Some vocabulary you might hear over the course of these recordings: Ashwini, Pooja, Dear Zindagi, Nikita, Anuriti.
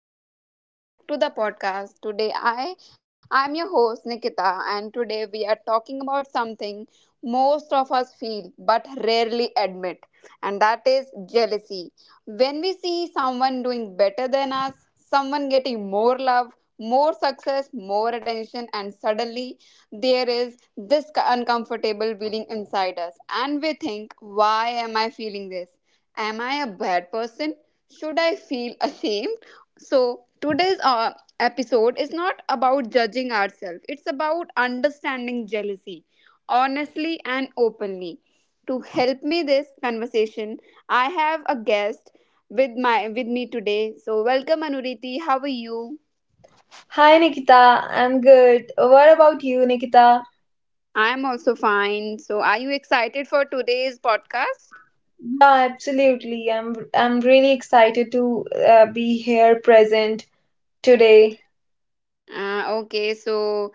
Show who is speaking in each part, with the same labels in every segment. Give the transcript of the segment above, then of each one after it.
Speaker 1: everyone and welcome back to the podcast. Today I am your host Nikita and today we are talking about something most of us feel but rarely admit, and that is jealousy. When we see someone doing better than us, someone getting more love, more success, more attention, and suddenly there is this uncomfortable feeling inside us and we think, why am I feeling this? Am I a bad person? Should I feel ashamed? So, today's episode is not about judging ourselves, it's about understanding jealousy honestly and openly. To help me this conversation, I have a guest with me today. So, welcome Anuriti. How are you?
Speaker 2: Hi Nikita, I'm good. What about you, Nikita?
Speaker 1: I am also fine. So, are you excited for today's podcast?
Speaker 2: Yeah, absolutely. I'm really excited to be here present today.
Speaker 1: Okay, so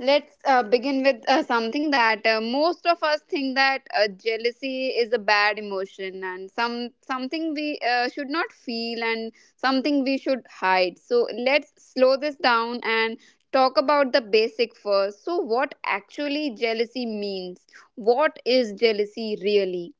Speaker 1: let's begin with something that most of us think that jealousy is a bad emotion and something we should not feel and something we should hide. So let's slow this down and talk about the basic first. So what actually jealousy means? What is jealousy really?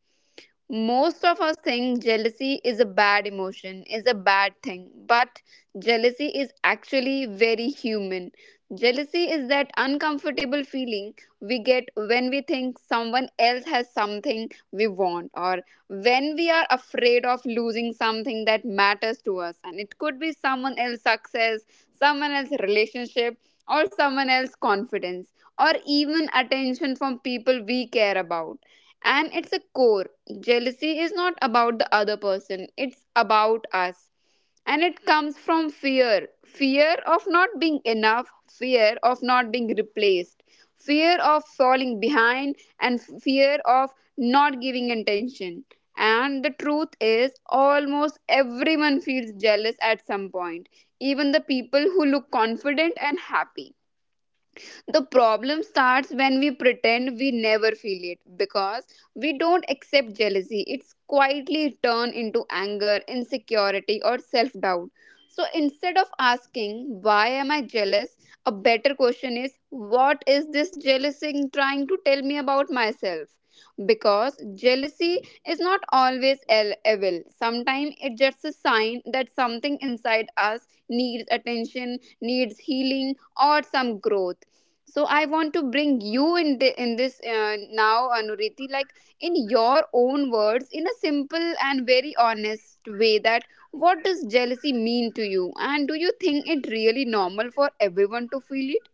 Speaker 1: Most of us think jealousy is a bad emotion, is a bad thing, but jealousy is actually very human. Jealousy is that uncomfortable feeling we get when we think someone else has something we want, or when we are afraid of losing something that matters to us. And it could be someone else's success, someone else's relationship, or someone else's confidence, or even attention from people we care about, and it's a core. Jealousy is not about the other person, it's about us. And it comes from fear, fear of not being enough, fear of not being replaced, fear of falling behind, and fear of not giving attention. And the truth is, almost everyone feels jealous at some point, even the people who look confident and happy. The problem starts when we pretend we never feel it, because we don't accept jealousy. It's quietly turned into anger, insecurity, or self doubt. So instead of asking, why am I jealous? A better question is, what is this jealousy trying to tell me about myself? Because jealousy is not always evil. Sometimes it's just a sign that something inside us needs attention, needs healing, or some growth. So I want to bring you in in this now, Anuriti, like, in your own words, in a simple and very honest way, that what does jealousy mean to you, and do you think it really normal for everyone to feel it?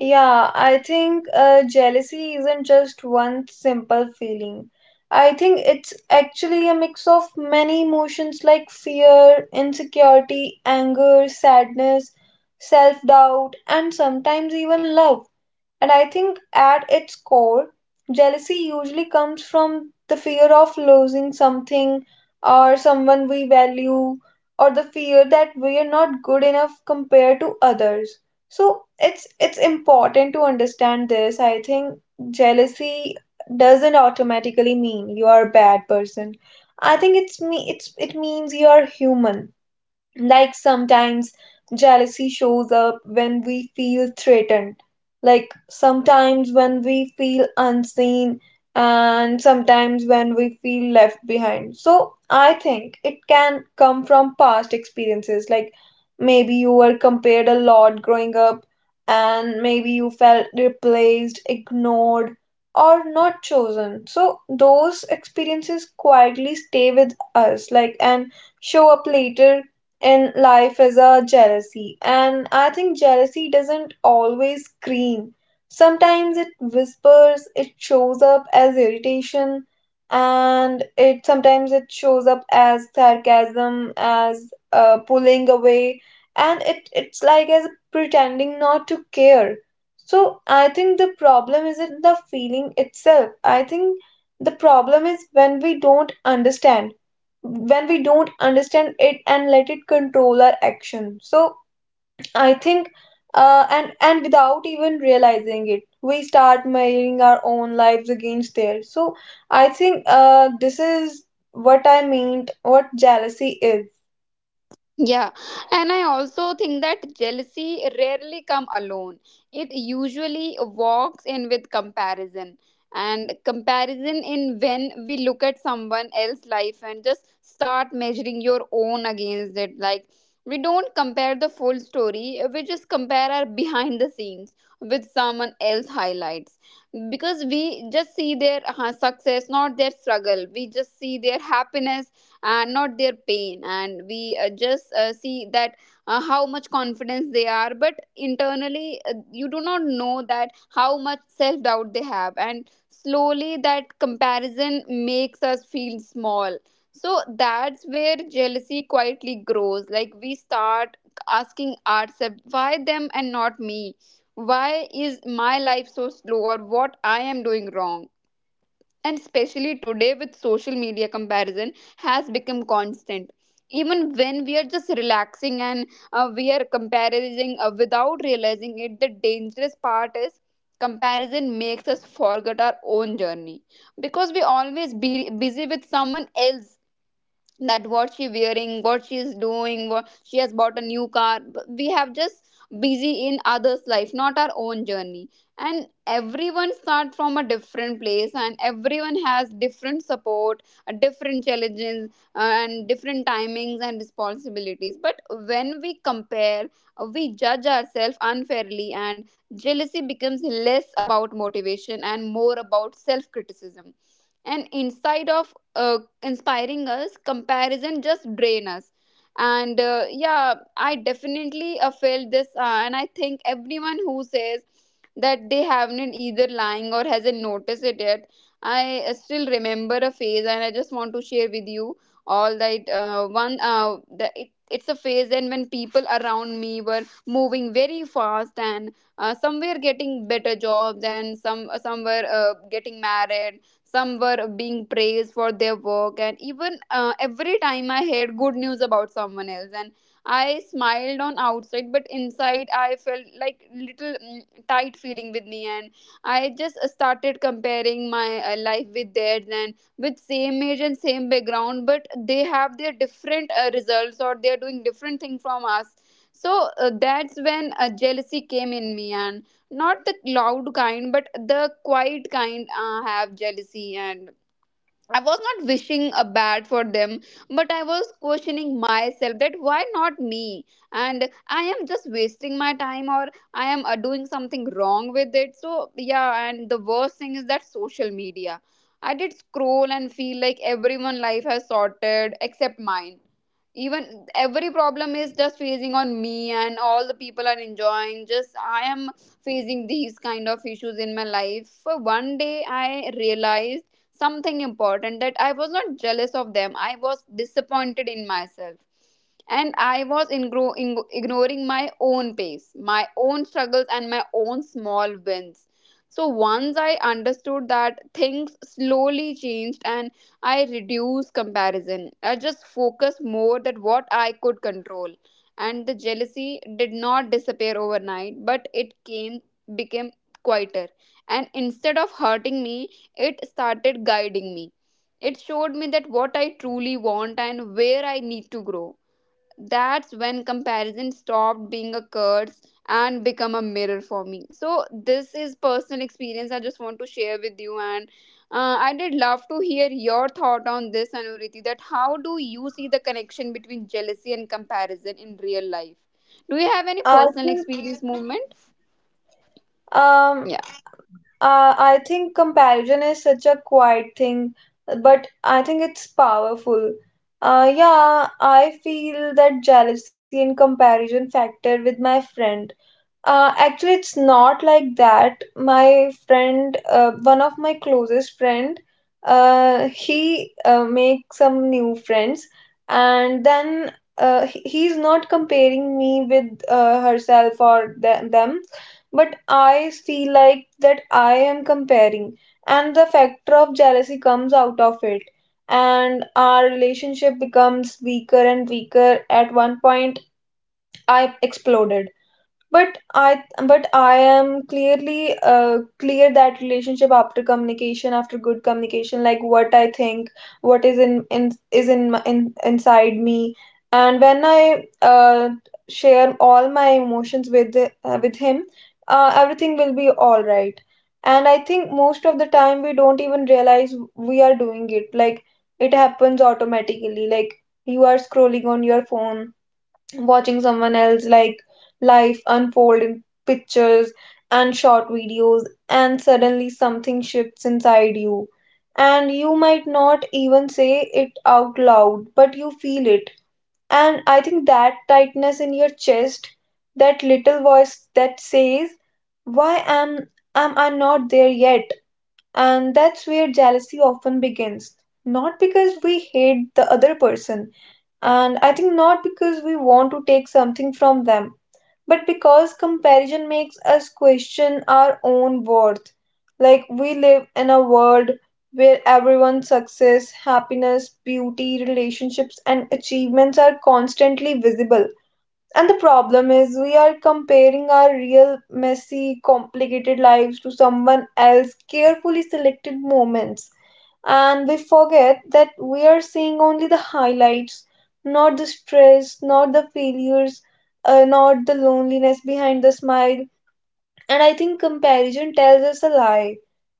Speaker 2: Yeah, I think jealousy isn't just one simple feeling. I think it's actually a mix of many emotions like fear, insecurity, anger, sadness, self-doubt, and sometimes even love. And I think at its core, jealousy usually comes from the fear of losing something or someone we value, or the fear that we are not good enough compared to others. So it's important to understand this. I think jealousy doesn't automatically mean you are a bad person. I think it's it means you are human, like sometimes jealousy shows up when we feel threatened, like sometimes when we feel unseen, and sometimes when we feel left behind. So I think it can come from past experiences, like maybe you were compared a lot growing up, and maybe you felt replaced, ignored, or not chosen. So those experiences quietly stay with us, like, and show up later in life is a jealousy. And I think jealousy doesn't always scream, sometimes it whispers. It shows up as irritation, and it sometimes it shows up as sarcasm, as pulling away, and it's like as pretending not to care. So I think the problem isn't the feeling itself. I think the problem is when we don't understand, it, and let it control our action. So I think and without even realizing it we start measuring our own lives against theirs. So I think, this is what jealousy is.
Speaker 1: Yeah, and I also think that jealousy rarely come alone. It usually walks in with comparison. And comparison in when we look at someone else's life and just start measuring your own against it. Like, we don't compare the full story, we just compare our behind the scenes with someone else highlights. Because we just see their success, not their struggle. We just see their happiness and not their pain, and we just see that how much confidence they are, but internally you do not know that how much self doubt they have, and slowly that comparison makes us feel small. So that's where jealousy quietly grows, like we start asking ourselves, why them and not me? Why is my life so slow, or what I am doing wrong? And especially today with social media, comparison has become constant, even when we are just relaxing and we are comparing without realizing it. The dangerous part is, comparison makes us forget our own journey, because we always be busy with someone else, that what she wearing, what she's doing, what she has bought a new car. But we have just busy in others life, not our own journey. And everyone start from a different place, and everyone has different support, a different challenges, and different timings and responsibilities. But when we compare, we judge ourselves unfairly, and jealousy becomes less about motivation and more about self criticism. And inside of inspiring us, comparison just drain us. And yeah, I definitely felt this, and I think everyone who says that they haven't either lying or hasn't noticed it yet. I still remember a phase, and I just want to share with you all that it's a phase, and when people around me were moving very fast, and some were getting better jobs, and some were getting married, some were being praised for their work, and even every time I heard good news about someone else, and I smiled on outside, but inside I felt like little tight feeling with me, and I just started comparing my life with theirs, and with same age and same background, but they have their different results, or they are doing different thing from us. So that's when jealousy came in me, and not the loud kind but the quiet kind have jealousy. And I was not wishing a bad for them, but I was questioning myself that why not me? And I am just wasting my time, or I am doing something wrong with it. So, yeah, and the worst thing is that social media. I did scroll and feel like everyone' life has sorted except mine, even every problem is just facing on me and all the people are enjoying, just I am facing these kind of issues in my life. For one day I realized something important, that I was not jealous of them. I was disappointed in myself. And I was ignoring my own pace, my own struggles, and my own small wins. So once I understood that, things slowly changed, and I reduced comparison. I just focused more that what I could control. And the jealousy did not disappear overnight, but it came became quieter. And instead of hurting me, it started guiding me. It showed me that what I truly want and where I need to grow. That's when comparison stopped being a curse and become a mirror for me. So this is personal experience I just want to share with you, and I did love to hear your thought on this, Anuriti, that how do you see the connection between jealousy and comparison in real life? Do you have any
Speaker 2: I
Speaker 1: personal
Speaker 2: think
Speaker 1: experience movement?
Speaker 2: um
Speaker 1: Yeah.
Speaker 2: I think comparison is such a quiet thing, but I think it's powerful. Yeah, I feel that jealousy and comparison factor with my friend. Actually, it's not like that. My friend, one of my closest friend, he makes some new friends, and then he's not comparing me with herself or them, but I feel like that I am comparing, and the factor of jealousy comes out of it, and our relationship becomes weaker and weaker. At one point, I exploded. But I but I am clearly clear that relationship after communication, after good communication, like what I think, what is in is in, my- in inside me, and when I uh, share all my emotions with with him, everything will be all right. And I think most of the time we don't even realize we are doing it, like it happens automatically, like you are scrolling on your phone, watching someone else like life unfold in pictures and short videos, and suddenly something shifts inside you, and you might not even say it out loud but you feel it. And I think that tightness in your chest, that little voice that says, why am I not there yet? And that's where jealousy often begins, not because we hate the other person, and I think not because we want to take something from them, but because comparison makes us question our own worth. Like, we live in a world where everyone's success, happiness, beauty, relationships, and achievements are constantly visible. And the problem is, we are comparing our real, messy, complicated lives to someone else's carefully selected moments, and we forget that we are seeing only the highlights, not the stress, not the failures, not the loneliness behind the smile. And I think comparison tells us a lie.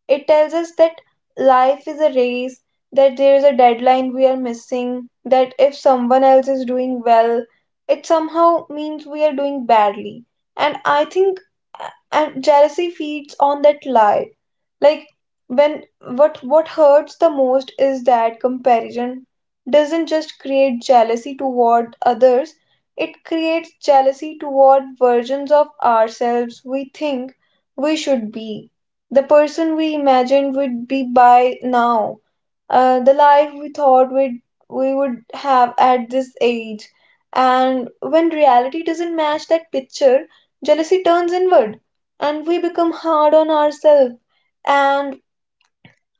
Speaker 2: It tells us that life is a race, that there is a deadline we are missing, that if someone else is doing well, it somehow means we are doing badly. And I think and jealousy feeds on that lie. Like, when what hurts the most is that comparison doesn't just create jealousy toward others, it creates jealousy toward versions of ourselves we think we should be, the person we imagined we'd be by now, the life we would have at this age. And when reality doesn't match that picture, jealousy turns inward and we become hard on ourselves. And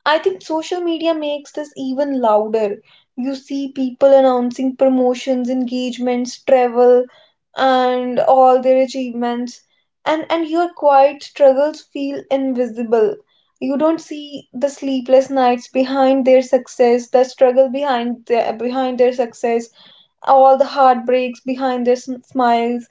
Speaker 2: I think social media makes this even louder. You see people announcing promotions, engagements, travel, and all their achievements, and, your quiet struggles feel invisible. You don't see the sleepless nights behind their success, the struggle behind their success, all the heartbreaks behind their smiles,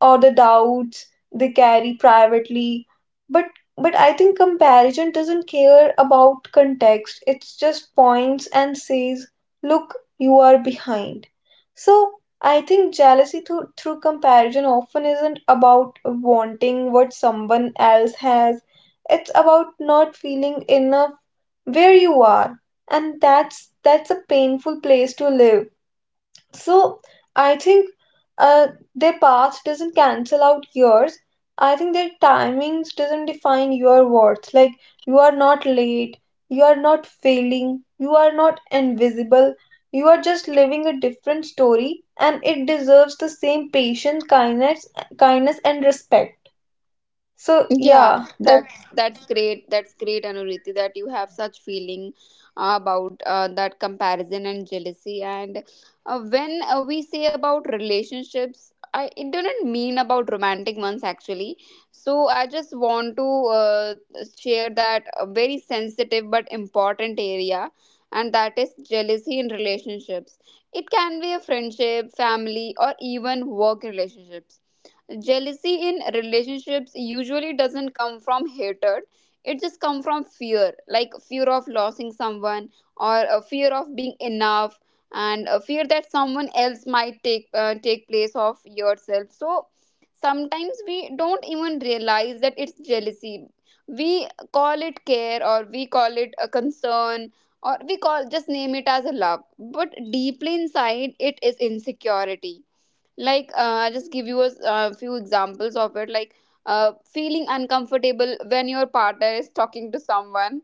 Speaker 2: or the doubts they carry privately. But I think comparison doesn't care about context, it just points and says, look, you are behind. So I think jealousy through comparison often isn't about wanting what someone else has, it's about not feeling enough where you are. And that's a painful place to live. So I think, uh, their past doesn't cancel out yours. I think their timings doesn't define your worth. Like, you are not late, you are not failing, you are not invisible. You are just living a different story, and it deserves the same patient kindness, kindness and respect. So
Speaker 1: Yeah,
Speaker 2: yeah, that's
Speaker 1: that's great. That's great, Anuriti, that you have such feeling about that comparison and jealousy. And when we say about relationships, I it didn't mean about romantic ones actually. So I just want to uh, share that a very sensitive but important area, and that is jealousy in relationships. It can be a friendship, family, or even work relationships. Jealousy in relationships usually doesn't come from hatred, it just comes from fear, like fear of losing someone, or a fear of being enough, and a fear that someone else might take place of yourself. So sometimes we don't even realize that it's jealousy. We call it care, or we call it a concern, or we call just name it as a love, but deeply inside it is insecurity. Like, I just give you a few examples of it. Like, feeling uncomfortable when your partner is talking to someone,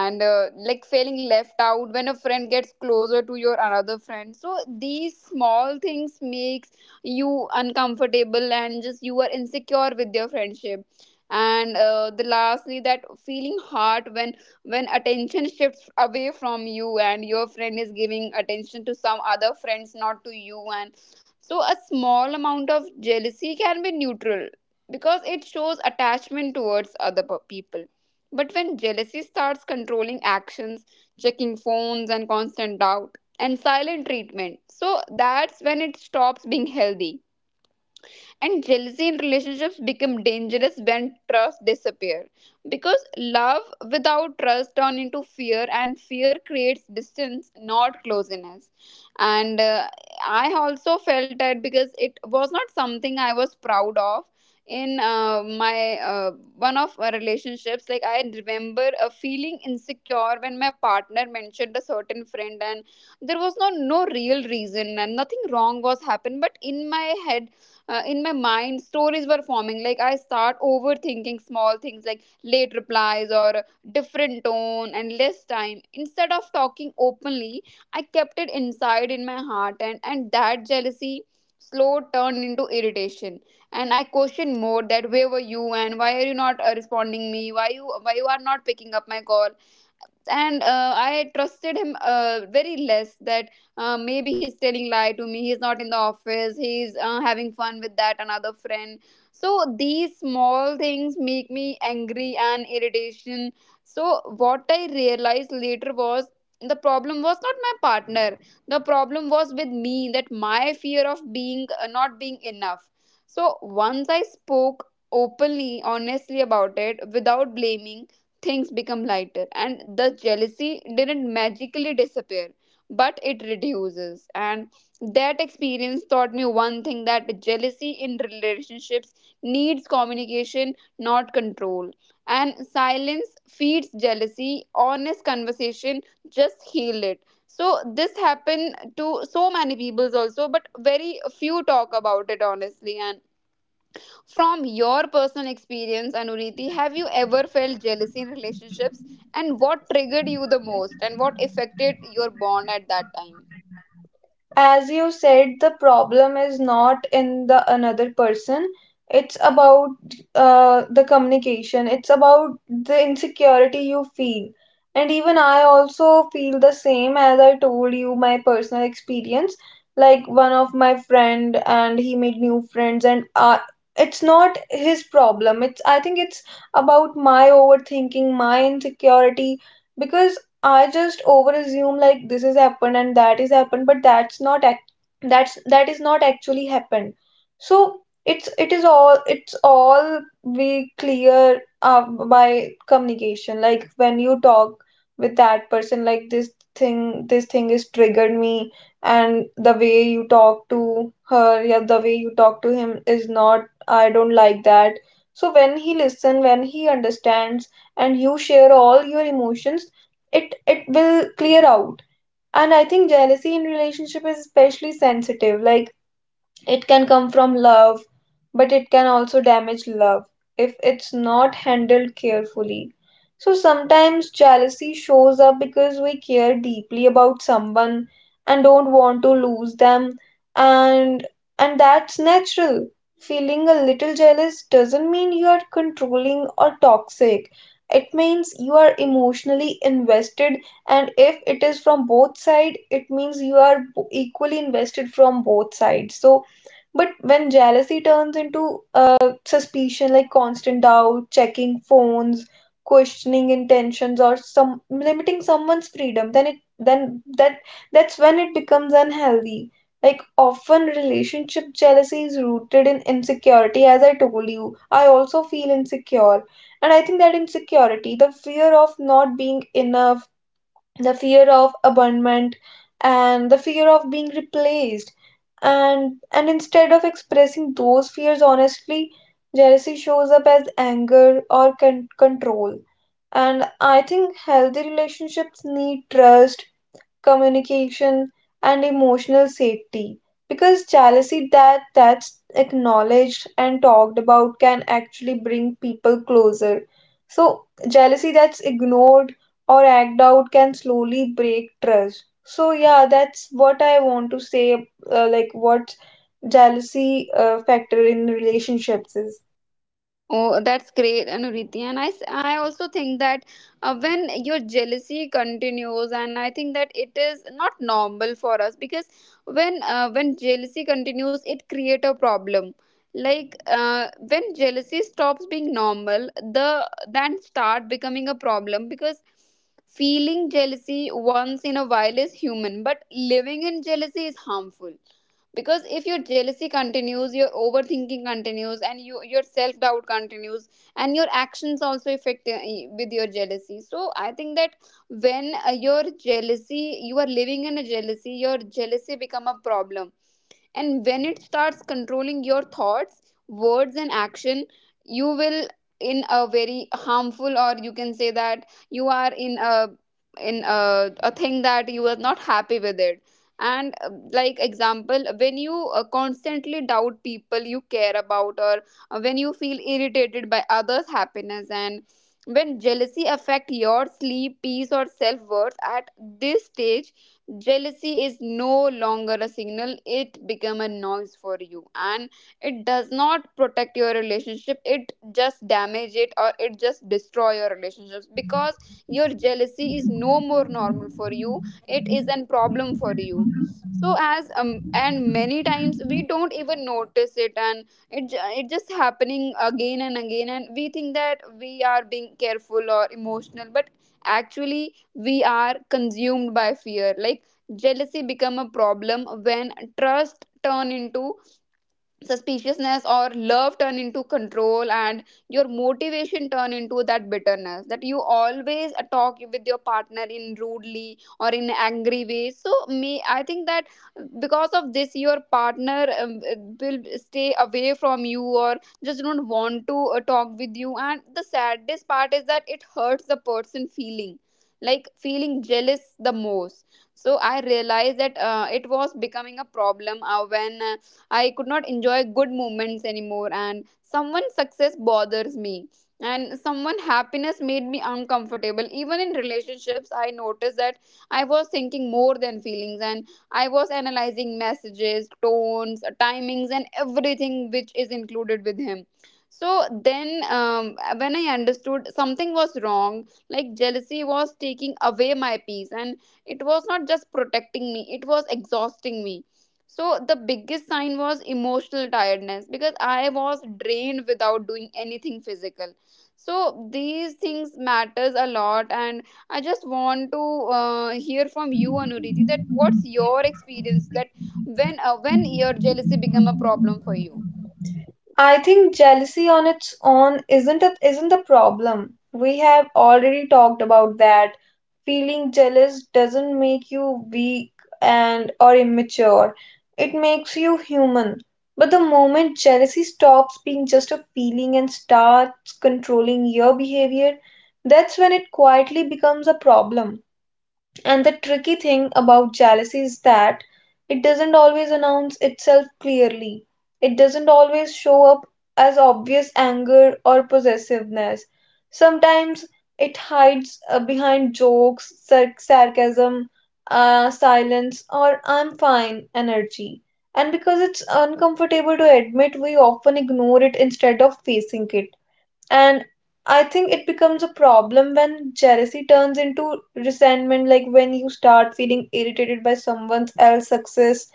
Speaker 1: and like feeling left out when a friend gets closer to your another friend. So these small things makes you uncomfortable, and just you are insecure with your friendship. And the lastly, that feeling hurt when attention shifts away from you, and your friend is giving attention to some other friends, not to you and. So a small amount of jealousy can be neutral, because it shows attachment towards other people. But when jealousy starts controlling actions, checking phones, and constant doubt and silent treatment, so that's when it stops being healthy, and jealousy in relationships become dangerous when trust disappears, because love without trust turn into fear, and fear creates distance, not closeness. And I also felt that, because it was not something I was proud of in my one of my relationships. Like I remember feeling insecure when my partner mentioned a certain friend, and there was no real reason and nothing wrong was happened, but in my head, in my mind, stories were forming. Like I start overthinking small things like late replies or different tone and less time. Instead of talking openly, I kept it inside in my heart, and that jealousy slow turned into irritation. And I questioned more that where were you and why are you not responding me, why you are not picking up my call. And I trusted him very less that maybe he's telling lie to me, he's not in the office, he's having fun with that another friend. So these small things make me angry and irritation. So what I realized later was the problem was not my partner. The problem was with me, that my fear of being not being enough. So once I spoke openly, honestly about it without blaming, things become lighter, and the jealousy didn't magically disappear, but it reduces. And that experience taught me one thing, that jealousy in relationships needs communication, not control. And silence feeds jealousy, honest conversation just heal it. So this happened to so many peoples also, but very few talk about it honestly. And from your personal experience, Anuriti, have you ever felt jealousy in relationships? And what triggered you the most? And what affected your bond at that time?
Speaker 2: as you said, the problem is not in the another person, it's about the communication, it's about the insecurity you feel. And even I also feel the same as I told you my personal experience. Like, one of my friend and he made new friends, and it's not his problem, it's, I think it's about my overthinking, my insecurity. Because I just over assume like this has happened and that is happened, but that is not actually happened. So it's all we clear by communication. Like when you talk with that person, like this thing is triggered me, and the way you talk to him is not. I don't like that. So when he listen, when he understands, and you share all your emotions, it will clear out. And I think jealousy in relationship is especially sensitive, like it can come from love, but it can also damage love if it's not handled carefully. So sometimes jealousy shows up because we care deeply about someone and don't want to lose them, and and that's natural. Feeling a little jealous doesn't mean you are controlling or toxic. It means you are emotionally invested, and if it is from both sides it means you are equally invested from both sides. So but when jealousy turns into suspicion, like constant doubt, checking phones, questioning intentions, or some limiting someone's freedom, then that's when it becomes unhealthy. Like often relationship jealousy is rooted in insecurity, as I told you. I also feel insecure. And I think that insecurity, the fear of not being enough, the fear of abandonment, and the fear of being replaced, and instead of expressing those fears honestly, jealousy shows up as anger or control. And I think healthy relationships need trust, communication, and emotional safety, because jealousy that's acknowledged and talked about can actually bring people closer. So jealousy that's ignored or act out can slowly break trust. So yeah, that's what I want to say, like what jealousy factor in relationships is.
Speaker 1: Oh, that's great, Anuriti. And I also think that when your jealousy continues, and I think that it is not normal for us, because when jealousy continues, it create a problem. Like when jealousy stops being normal, the then start becoming a problem, because feeling jealousy once in a while is human, but living in jealousy is harmful, because if your jealousy continues, your overthinking continues, and your self doubt continues, and your actions also affect with your jealousy. So I think that when your jealousy, you are living in a jealousy, your jealousy become a problem, and when it starts controlling your thoughts, words and action, you will in a very harmful, or you can say that you are in a a thing that you are not happy with it. And like example, when you constantly doubt people you care about, or when you feel irritated by others happiness, and when jealousy affect your sleep, peace or self worth, at this stage jealousy is no longer a signal, it become a noise for you. And it does not protect your relationship, it just damage it, or it just destroy your relationships, because your jealousy is no more normal for you, it is a problem for you. So as and many times we don't even notice it, and it just happening again and again, and we think that we are being careful or emotional, but actually we are consumed by fear. Like jealousy become a problem when trust turn into suspiciousness, or love turn into control, and your motivation turn into that bitterness, that you always talk with your partner in rudely or in angry way. So me, I think that because of this your partner will stay away from you, or just don't want to talk with you. And the saddest part is that it hurts the person feeling, like feeling jealous the most. So I realized that it was becoming a problem when I could not enjoy good moments anymore, and someone's success bothers me. And someone happiness made me uncomfortable. Even in relationships, I noticed that I was thinking more than feelings, and I was analyzing messages, tones, timings, and everything which is included with him. So then, when I understood something was wrong, like jealousy was taking away my peace, and it was not just protecting me, it was exhausting me. So the biggest sign was emotional tiredness, because I was drained without doing anything physical. So these things matters a lot, and I just want to hear from you, Anuriti, that what's your experience, that when your jealousy become a problem for you?
Speaker 2: I think jealousy on its own isn't the problem. We have already talked about that. Feeling jealous doesn't make you weak and or immature. It makes you human. But the moment jealousy stops being just a feeling and starts controlling your behavior, that's when it quietly becomes a problem. And the tricky thing about jealousy is that it doesn't always announce itself clearly. It doesn't always show up as obvious anger or possessiveness. Sometimes it hides behind jokes, sarcasm, silence, or I'm fine energy. And because it's uncomfortable to admit, we often ignore it instead of facing it. And I think it becomes a problem when jealousy turns into resentment, like when you start feeling irritated by someone else's success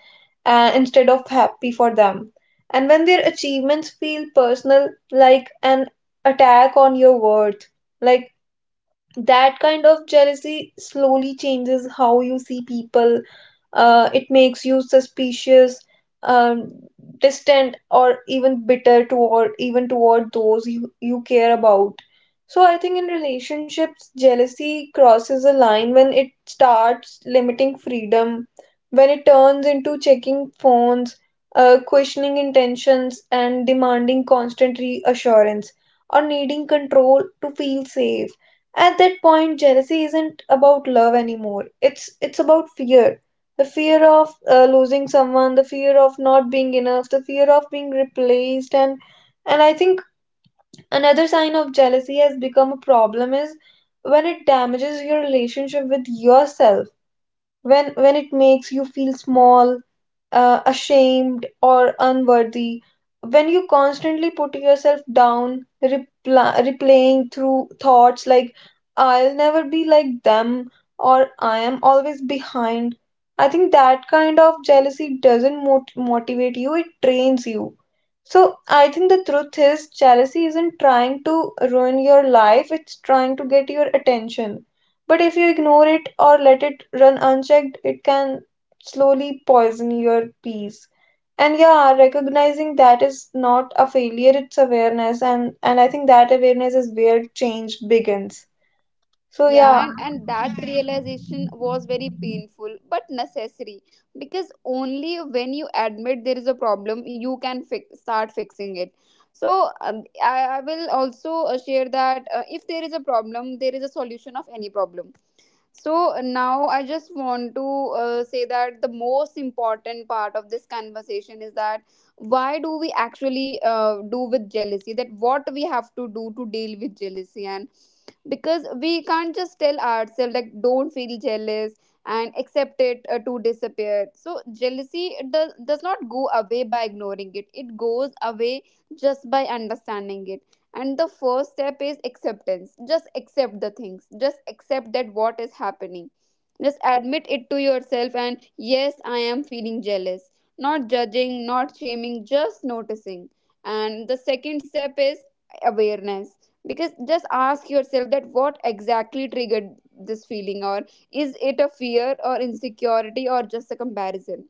Speaker 2: instead of happy for them. And when their achievements feel personal, like an attack on your worth, like, that kind of jealousy slowly changes how you see people. It makes you suspicious, um, distant, or even bitter toward, even toward you care about. So I think in relationships, jealousy crosses a line when it starts limiting freedom, when it turns into checking phones, questioning intentions, and demanding constant reassurance or needing control to feel safe. At that point, jealousy isn't about love anymore. It's about fear, the fear of losing someone, the fear of not being enough, the fear of being replaced. And I think another sign of jealousy has become a problem is when it damages your relationship with yourself, when it makes you feel small, ashamed or unworthy, when you constantly put yourself down, replaying through thoughts like, I'll never be like them, or I am always behind. I think that kind of jealousy doesn't motivate you, it drains you. So I think the truth is, jealousy isn't trying to ruin your life, it's trying to get your attention. But if you ignore it or let it run unchecked, it can slowly poison your peace. And yeah, recognizing that is not a failure, it's awareness. And I think that awareness is where change begins. So
Speaker 1: Yeah,
Speaker 2: yeah,
Speaker 1: and that realization was very painful but necessary, because only when you admit there is a problem you can fix, start fixing it. So I will also share that if there is a problem, there is a solution of any problem. So now I just want to say that the most important part of this conversation is that why do we actually do with jealousy, that what we have to do to deal with jealousy. And because we can't just tell ourselves like don't feel jealous and accept it to disappear. So jealousy does not go away by ignoring it, it goes away just by understanding it. And the first step is acceptance, just accept the things, just accept that what is happening, just admit it to yourself and yes, I am feeling jealous, not judging, not shaming, just noticing. And the second step is awareness, because just ask yourself that what exactly triggered this feeling, or is it a fear or insecurity or just a comparison,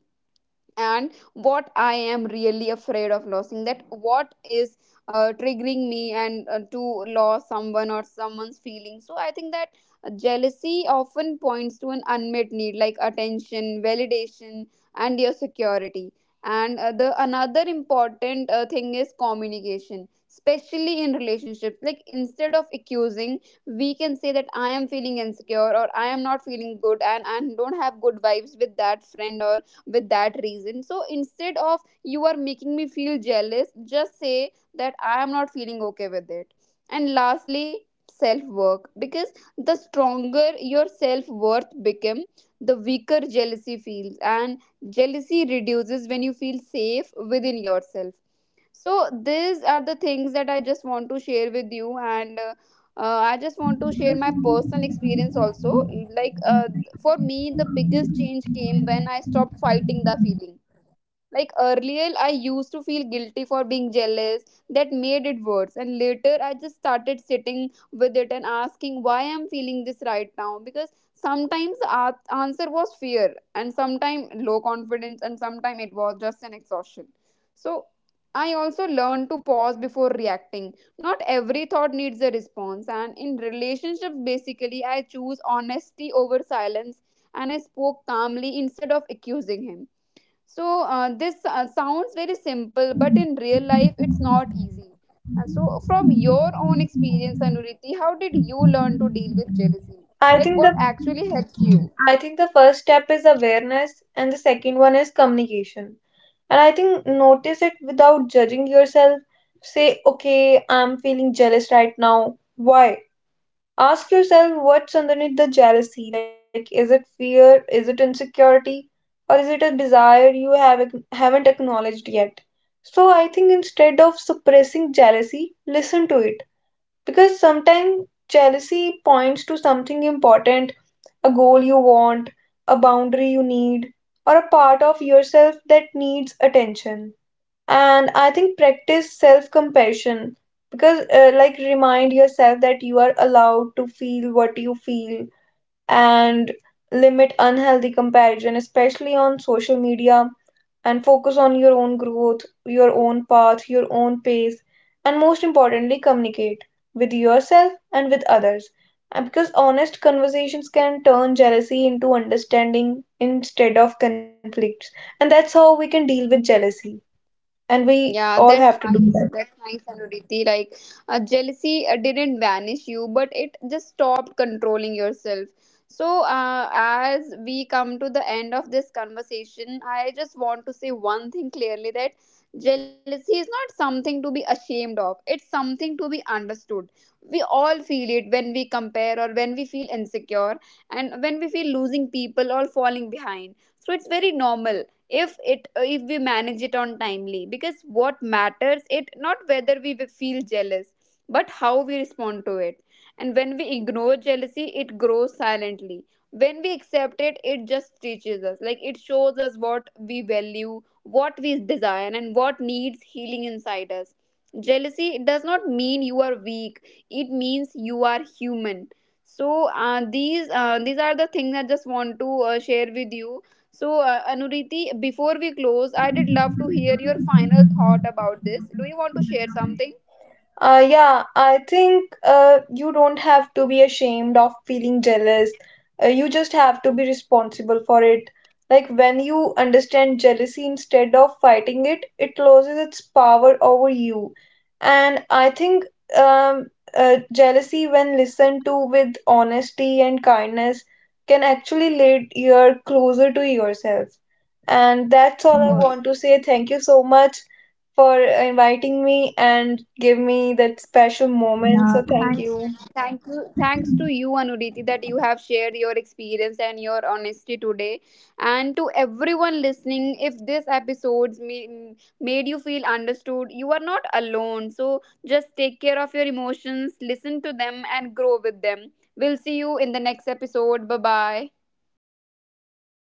Speaker 1: and what I am really afraid of losing, that what is triggering me, and to lose someone or someone's feelings. So I think that jealousy often points to an unmet need like attention, validation and your security. And the another important thing is communication, especially in relationships, like instead of accusing, we can say that I am feeling insecure, or I am not feeling good and I don't have good vibes with that friend or with that reason. So instead of you are making me feel jealous, just say that I am not feeling okay with it. And lastly, self work, because the stronger your self worth become, the weaker jealousy feels. And jealousy reduces when you feel safe within yourself. So these are the things that I just want to share with you. And I just want to share my personal experience also, like for me the biggest change came when I stopped fighting the feeling. Like earlier, I used to feel guilty for being jealous. That made it worse. And later, I just started sitting with it and asking why I'm feeling this right now. Because sometimes answer was fear, and sometimes low confidence, and sometimes it was just an exhaustion. So I also learned to pause before reacting. Not every thought needs a response. And in relationships, basically, I choose honesty over silence, and I spoke calmly instead of accusing him. So this sounds very simple, but in real life, it's not easy. And so, from your own experience, Anuriti, how did you learn to deal with jealousy?
Speaker 2: I
Speaker 1: Like,
Speaker 2: think
Speaker 1: what
Speaker 2: the
Speaker 1: actually helped you?
Speaker 2: I think the first step is awareness, and the second one is communication. And I think notice it without judging yourself. Say, okay, I'm feeling jealous right now. Why? Ask yourself what's underneath the jealousy. Like, is it fear? Is it insecurity? Or is it a desire you haven't acknowledged yet? So, I think instead of suppressing jealousy, listen to it. Because sometimes jealousy points to something important, a goal you want, a boundary you need, or a part of yourself that needs attention. And I think practice self compassion, because like, remind yourself that you are allowed to feel what you feel. And limit unhealthy comparison, especially on social media, and focus on your own growth, your own path, your own pace. And most importantly, communicate with yourself and with others. And Because honest conversations can turn jealousy into understanding instead of conflicts. And that's how we can deal with jealousy, and we
Speaker 1: Yeah,
Speaker 2: all have
Speaker 1: that's
Speaker 2: to do that.
Speaker 1: nice. That's nice, Anuriti. Like, jealousy didn't banish you, but it just stopped controlling yourself. So, as we come to the end of this conversation, I just want to say one thing clearly, that jealousy is not something to be ashamed of, it's something to be understood. We all feel it when we compare, or when we feel insecure, and when we feel losing people or falling behind. So, it's very normal if it if we manage it on timely, because what matters it not whether we feel jealous, but how we respond to it. And when we ignore jealousy it grows silently, when we accept it it just teaches us, like it shows us what we value, what we desire and what needs healing inside us. Jealousy does not mean you are weak, it means you are human. So these are the things I just want to share with you. So, Anuriti, before we close, I did love to hear your final thought about this. Do you want to share something?
Speaker 2: Yeah, I think you don't have to be ashamed of feeling jealous. You just have to be responsible for it. Like, when you understand jealousy instead of fighting it, it loses its power over you. And I think um, jealousy, when listened to with honesty and kindness, can actually lead you closer to yourself. And that's all I
Speaker 1: Oh,
Speaker 2: want to say. Thank you so much for inviting me and give me that special moment.
Speaker 1: yeah,
Speaker 2: So thank
Speaker 1: thanks.
Speaker 2: you.
Speaker 1: Thank you. Thanks to you, Anuriti, that you have shared your experience and your honesty today. And to everyone listening, if this episode's made you feel understood, you are not alone. So just take care of your emotions, listen to them, and grow with them. We'll see you in the next episode. Bye bye.